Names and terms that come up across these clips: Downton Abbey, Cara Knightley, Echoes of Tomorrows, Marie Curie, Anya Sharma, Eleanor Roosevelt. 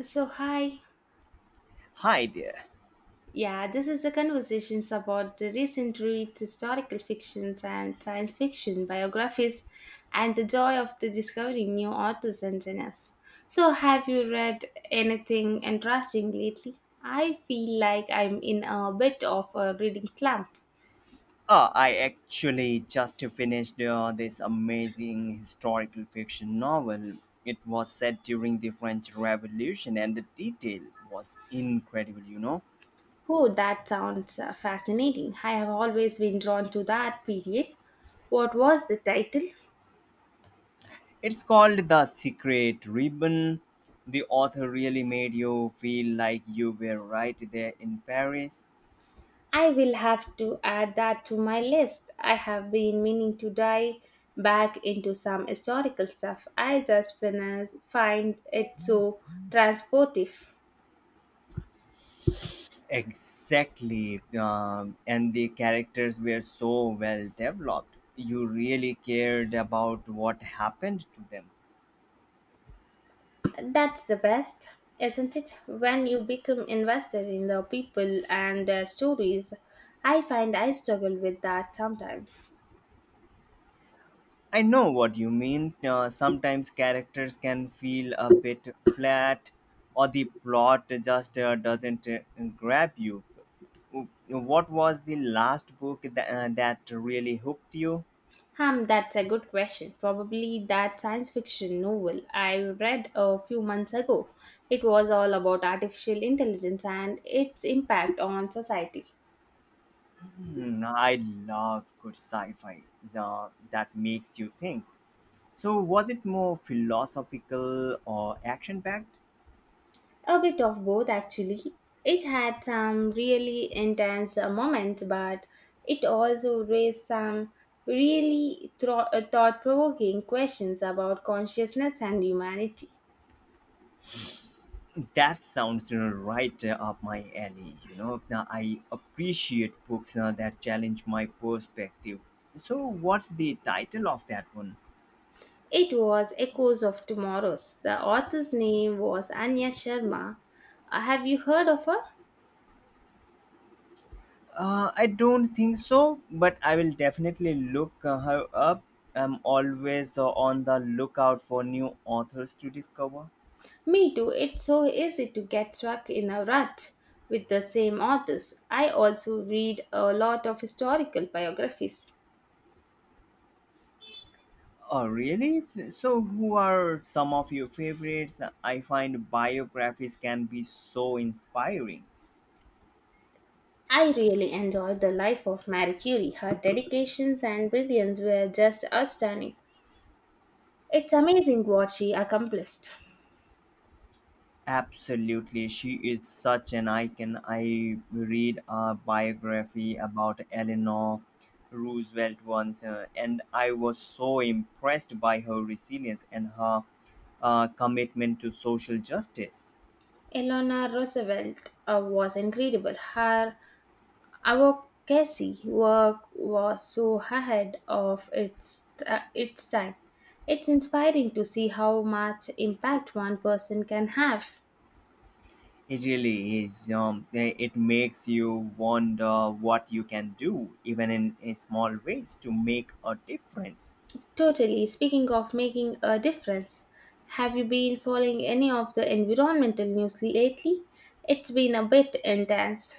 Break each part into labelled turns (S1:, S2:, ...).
S1: So, hi.
S2: Hi there.
S1: Yeah, this is a conversation about the recent read historical fictions and science fiction biographies and the joy of the discovering new authors and genres. So, have you read anything interesting lately? I feel like I'm in a bit of a reading slump.
S2: I actually just finished this amazing historical fiction novel. It was set during the French Revolution, and the detail was incredible, you know.
S1: Oh, that sounds fascinating. I have always been drawn to that period. What was the title?
S2: It's called The Secret Ribbon. The author really made you feel like you were right there in Paris.
S1: I will have to add that to my list. I have been meaning to dive back into some historical stuff. I just find it so transportive.
S2: Exactly. And the characters were so well developed. You really cared about what happened to them.
S1: That's the best, isn't it? When you become invested in the people and their stories, I find I struggle with that sometimes.
S2: I know what you mean. Sometimes characters can feel a bit flat, or the plot just doesn't grab you. What was the last book that really hooked you?
S1: Hmm, that's a good question. Probably that science fiction novel I read a few months ago. It was all about artificial intelligence and its impact on society.
S2: Hmm, I love good sci fi that makes you think. So, was it more philosophical or action packed?
S1: A bit of both, actually. It had some really intense moments, but it also raised some really thought provoking questions about consciousness and humanity.
S2: That sounds, you know, right, up my alley, you know. Now, I appreciate books that challenge my perspective. So what's the title of that one?
S1: It was Echoes of Tomorrows. The author's name was Anya Sharma. Have you heard of her?
S2: I don't think so, but I will definitely look her up. I'm always on the lookout for new authors to discover.
S1: Me too. It's so easy to get stuck in a rut with the same authors. I also read a lot of historical biographies.
S2: Oh, really? So who are some of your favorites? I find biographies can be so inspiring.
S1: I really enjoyed the life of Marie Curie. Her dedications and brilliance were just outstanding. It's amazing what she accomplished.
S2: Absolutely, she is such an icon. I read a biography about Eleanor Roosevelt once, and I was so impressed by her resilience and her commitment to social justice.
S1: Eleanor Roosevelt was incredible. Her Our Advocacy work was so ahead of its time. It's inspiring to see how much impact one person can have.
S2: It really is. It makes you wonder what you can do, even in small ways, to make a difference.
S1: Totally, speaking of making a difference, have you been following any of the environmental news lately? It's been a bit intense.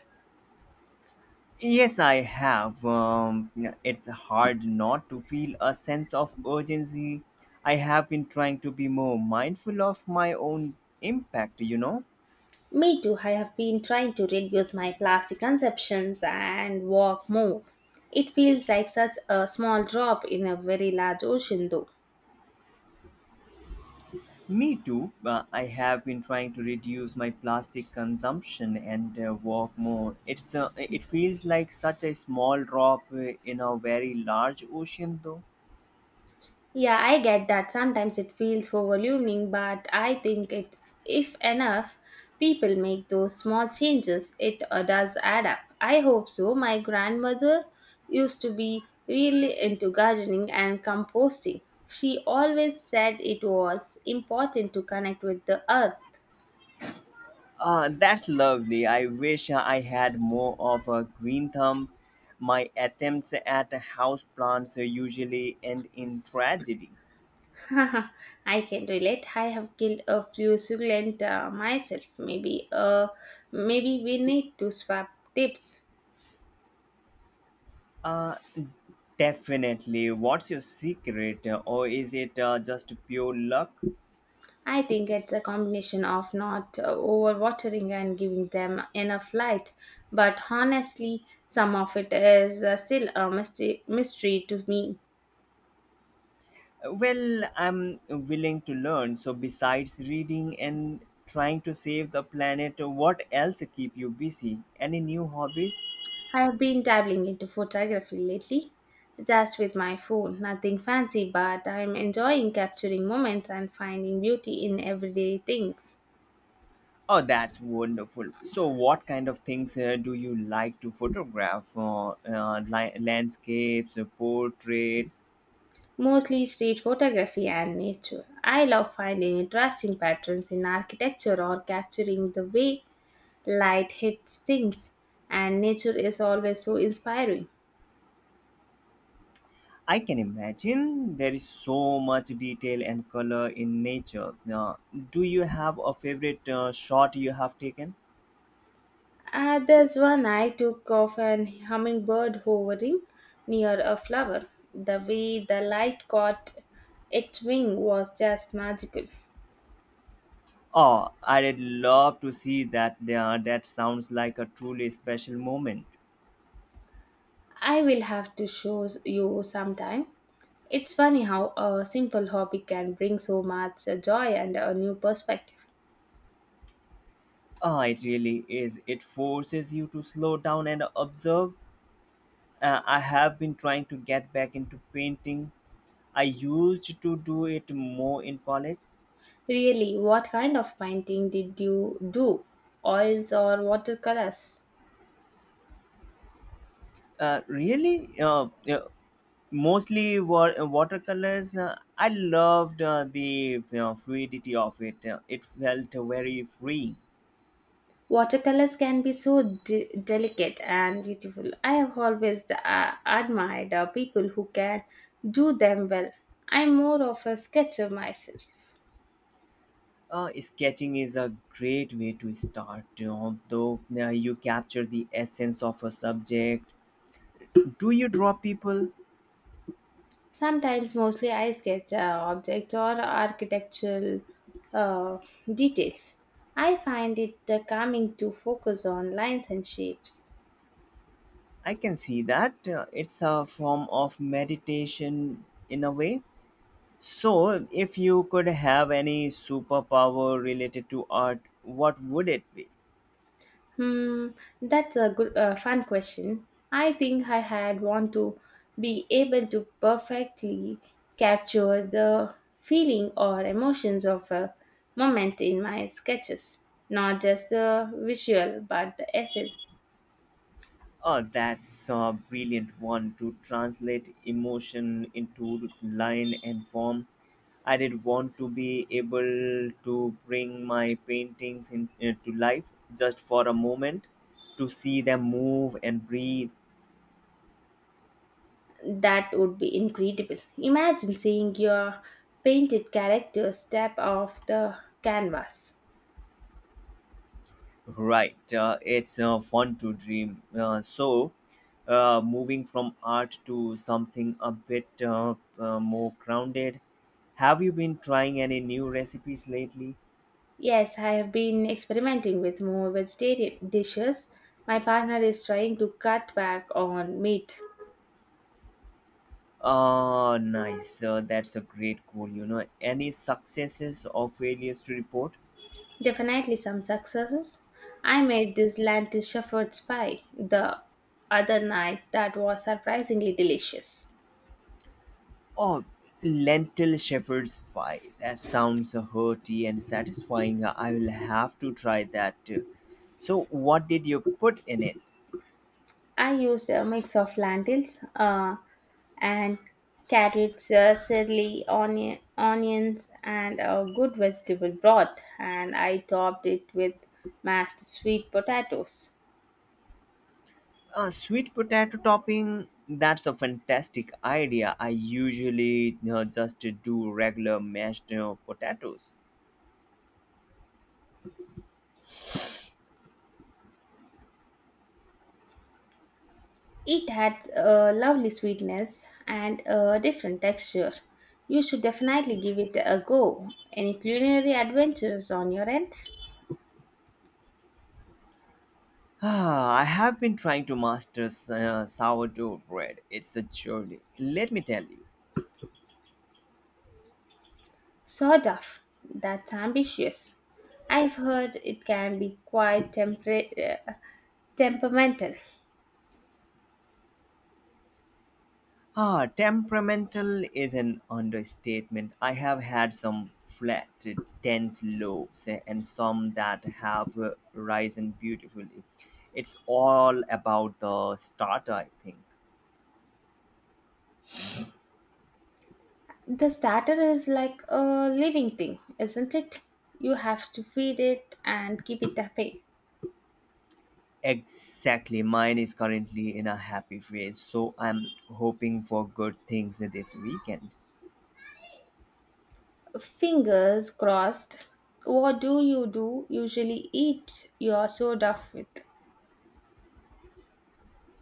S2: Yes, I have. It's hard not to feel a sense of urgency. I have been trying to be more mindful of my own impact, you know.
S1: Me too, I have been trying to reduce my plastic consumptions and walk more. It feels like such a small drop in a very large ocean, though.
S2: Me too. I have been trying to reduce my plastic consumption and walk more. It feels like such a small drop in a very large ocean though.
S1: Yeah, I get that. Sometimes it feels overwhelming, but I think it if enough people make those small changes, it does add up. I hope so. My grandmother used to be really into gardening and composting. She always said it was important to connect with the earth.
S2: That's lovely. I wish I had more of a green thumb. My attempts at houseplants usually end in tragedy.
S1: I can relate. I have killed a few succulent myself. Maybe we need to swap tips.
S2: Uh, Definitely. What's your secret? Or is it just pure luck?
S1: I think it's a combination of not overwatering and giving them enough light. But honestly, some of it is still a mystery to me.
S2: Well, I'm willing to learn. So, besides reading and trying to save the planet, what else keep you busy? Any new hobbies?
S1: I have been dabbling into photography lately, just with my phone. Nothing fancy, but I'm enjoying capturing moments and finding beauty in everyday things.
S2: Oh, that's wonderful. So, what kind of things do you like to photograph? Landscapes, portraits?
S1: Mostly street photography and nature. I love finding interesting patterns in architecture or capturing the way light hits things, and nature is always so inspiring.
S2: I can imagine there is so much detail and color in nature. Uh, do you have a favorite shot you have taken?
S1: There's one I took of an hummingbird hovering near a flower. The way the light caught its wing was just magical.
S2: Oh, I'd love to see that. That sounds like a truly special moment.
S1: I will have to show you sometime. It's funny how a simple hobby can bring so much joy and a new perspective.
S2: Ah, it really is. It forces you to slow down and observe. I have been trying to get back into painting. I used to do it more in college.
S1: Really, what kind of painting did you do? Oils or watercolors?
S2: Uh, really, uh, uh, Mostly watercolors. I loved the, you know, fluidity of it. It felt very free.
S1: Watercolors can be so delicate and beautiful. I have always admired people who can do them well. I'm more of a sketcher myself.
S2: Sketching is a great way to start, you know, though you capture the essence of a subject. Do you draw people?
S1: Sometimes, mostly, I sketch objects or architectural uh, details. I find it calming to focus on lines and shapes.
S2: I can see that. It's a form of meditation in a way. So, if you could have any superpower related to art, what would it be?
S1: Hmm, that's a fun question. I think I had want to be able to perfectly capture the feeling or emotions of a moment in my sketches, not just the visual but the essence.
S2: Oh, that's a brilliant one, to translate emotion into line and form. I did want to be able to bring my paintings in, to life, just for a moment, to see them move and breathe.
S1: That would be incredible. Imagine seeing your painted character step off the canvas.
S2: Right. It's fun to dream. So, moving from art to something a bit more grounded, have you been trying any new recipes lately?
S1: Yes, I have been experimenting with more vegetarian dishes. My partner is trying to cut back on meat.
S2: Ah, nice. That's a great goal. You know, any successes or failures to report?
S1: Definitely some successes. I made this lentil shepherd's pie the other night that was surprisingly delicious.
S2: Oh, lentil shepherd's pie. That sounds hearty and satisfying. I will have to try that too. So, what did you put in it?
S1: I used a mix of lentils and carrots, celery, onions, and a good vegetable broth, and I topped it with mashed sweet potatoes.
S2: A sweet potato topping, that's a fantastic idea. I usually, you know, just do regular mashed potatoes.
S1: It adds a lovely sweetness and a different texture. You should definitely give it a go. Any culinary adventures on your end?
S2: Ah, I have been trying to master sourdough bread. It's a journey, let me tell you.
S1: Sawduff. That's ambitious. I've heard it can be quite uh, temperamental.
S2: Ah, temperamental is an understatement. I have had some flat, dense loaves, and some that have risen beautifully. It's all about the starter, I think.
S1: The starter is like a living thing, isn't it? You have to feed it and keep it happy.
S2: Exactly. Mine is currently in a happy phase, so I'm hoping for good things this weekend.
S1: Fingers crossed. What do you do usually eat your sawduff with?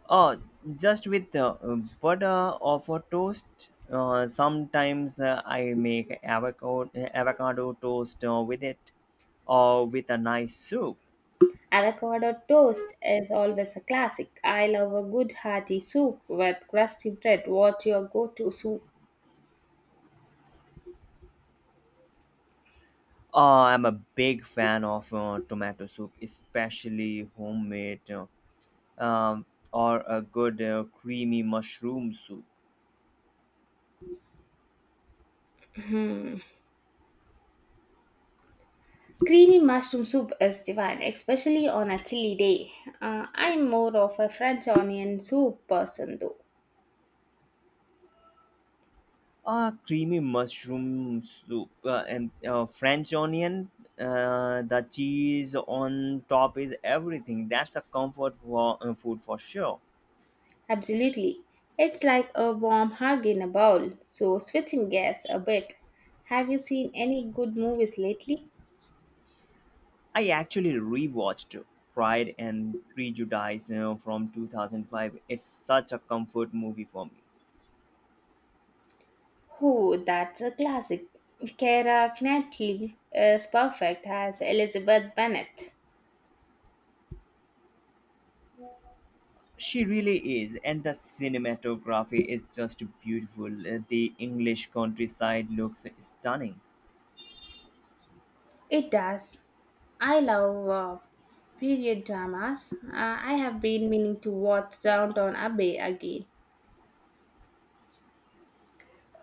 S2: Oh, just with butter of a toast. Sometimes I make avocado toast with it, or with a nice soup.
S1: Avocado toast is always a classic. I love a good hearty soup with crusty bread. What's your go to soup?
S2: Oh, I'm a big fan of tomato soup, especially homemade, um, or a good creamy mushroom soup.
S1: Creamy mushroom soup is divine, especially on a chilly day. I'm more of a French onion soup person though.
S2: Creamy mushroom soup and French onion. The cheese on top is everything. That's a comfort food for sure.
S1: Absolutely. It's like a warm hug in a bowl, so switching gears a bit. Have you seen any good movies lately?
S2: I actually rewatched Pride and Prejudice, you know, from 2005. It's such a comfort movie for me.
S1: Oh, that's a classic. Cara Knightley is perfect as Elizabeth Bennet.
S2: She really is, and the cinematography is just beautiful. The English countryside looks stunning.
S1: It does. I love period dramas. I have been meaning to watch Downton Abbey again.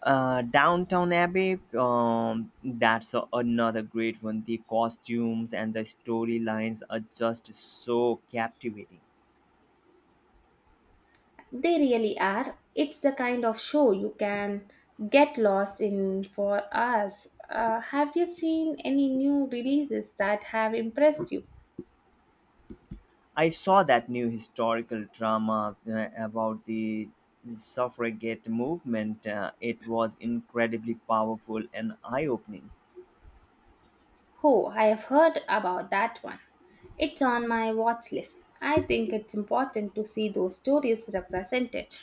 S2: Downtown Abbey, that's another great one. The costumes and the storylines are just so captivating.
S1: They really are. It's the kind of show you can get lost in for us. Have you seen any new releases that have impressed you?
S2: I saw that new historical drama about the suffragette movement. It was incredibly powerful and eye-opening.
S1: Oh, I have heard about that one. It's on my watch list. I think it's important to see those stories represented.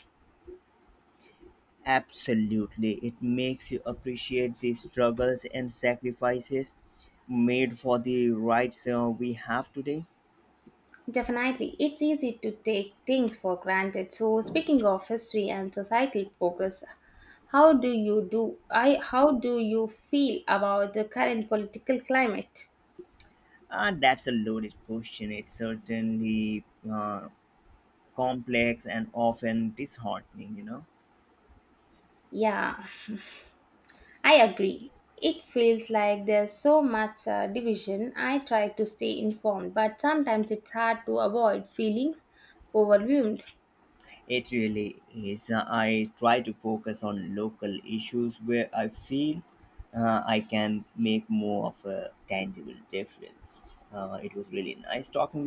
S2: Absolutely, it makes you appreciate the struggles and sacrifices made for the rights we have today.
S1: Definitely, it's easy to take things for granted. So, speaking of history and societal progress, how do you feel about the current political climate?
S2: That's a loaded question. It's certainly uh, complex and often disheartening, you know.
S1: Yeah, I agree. It feels like there's so much division. I try to stay informed, but sometimes it's hard to avoid feelings overwhelmed.
S2: It really is. I try to focus on local issues where I feel I can make more of a tangible difference. It was really nice talking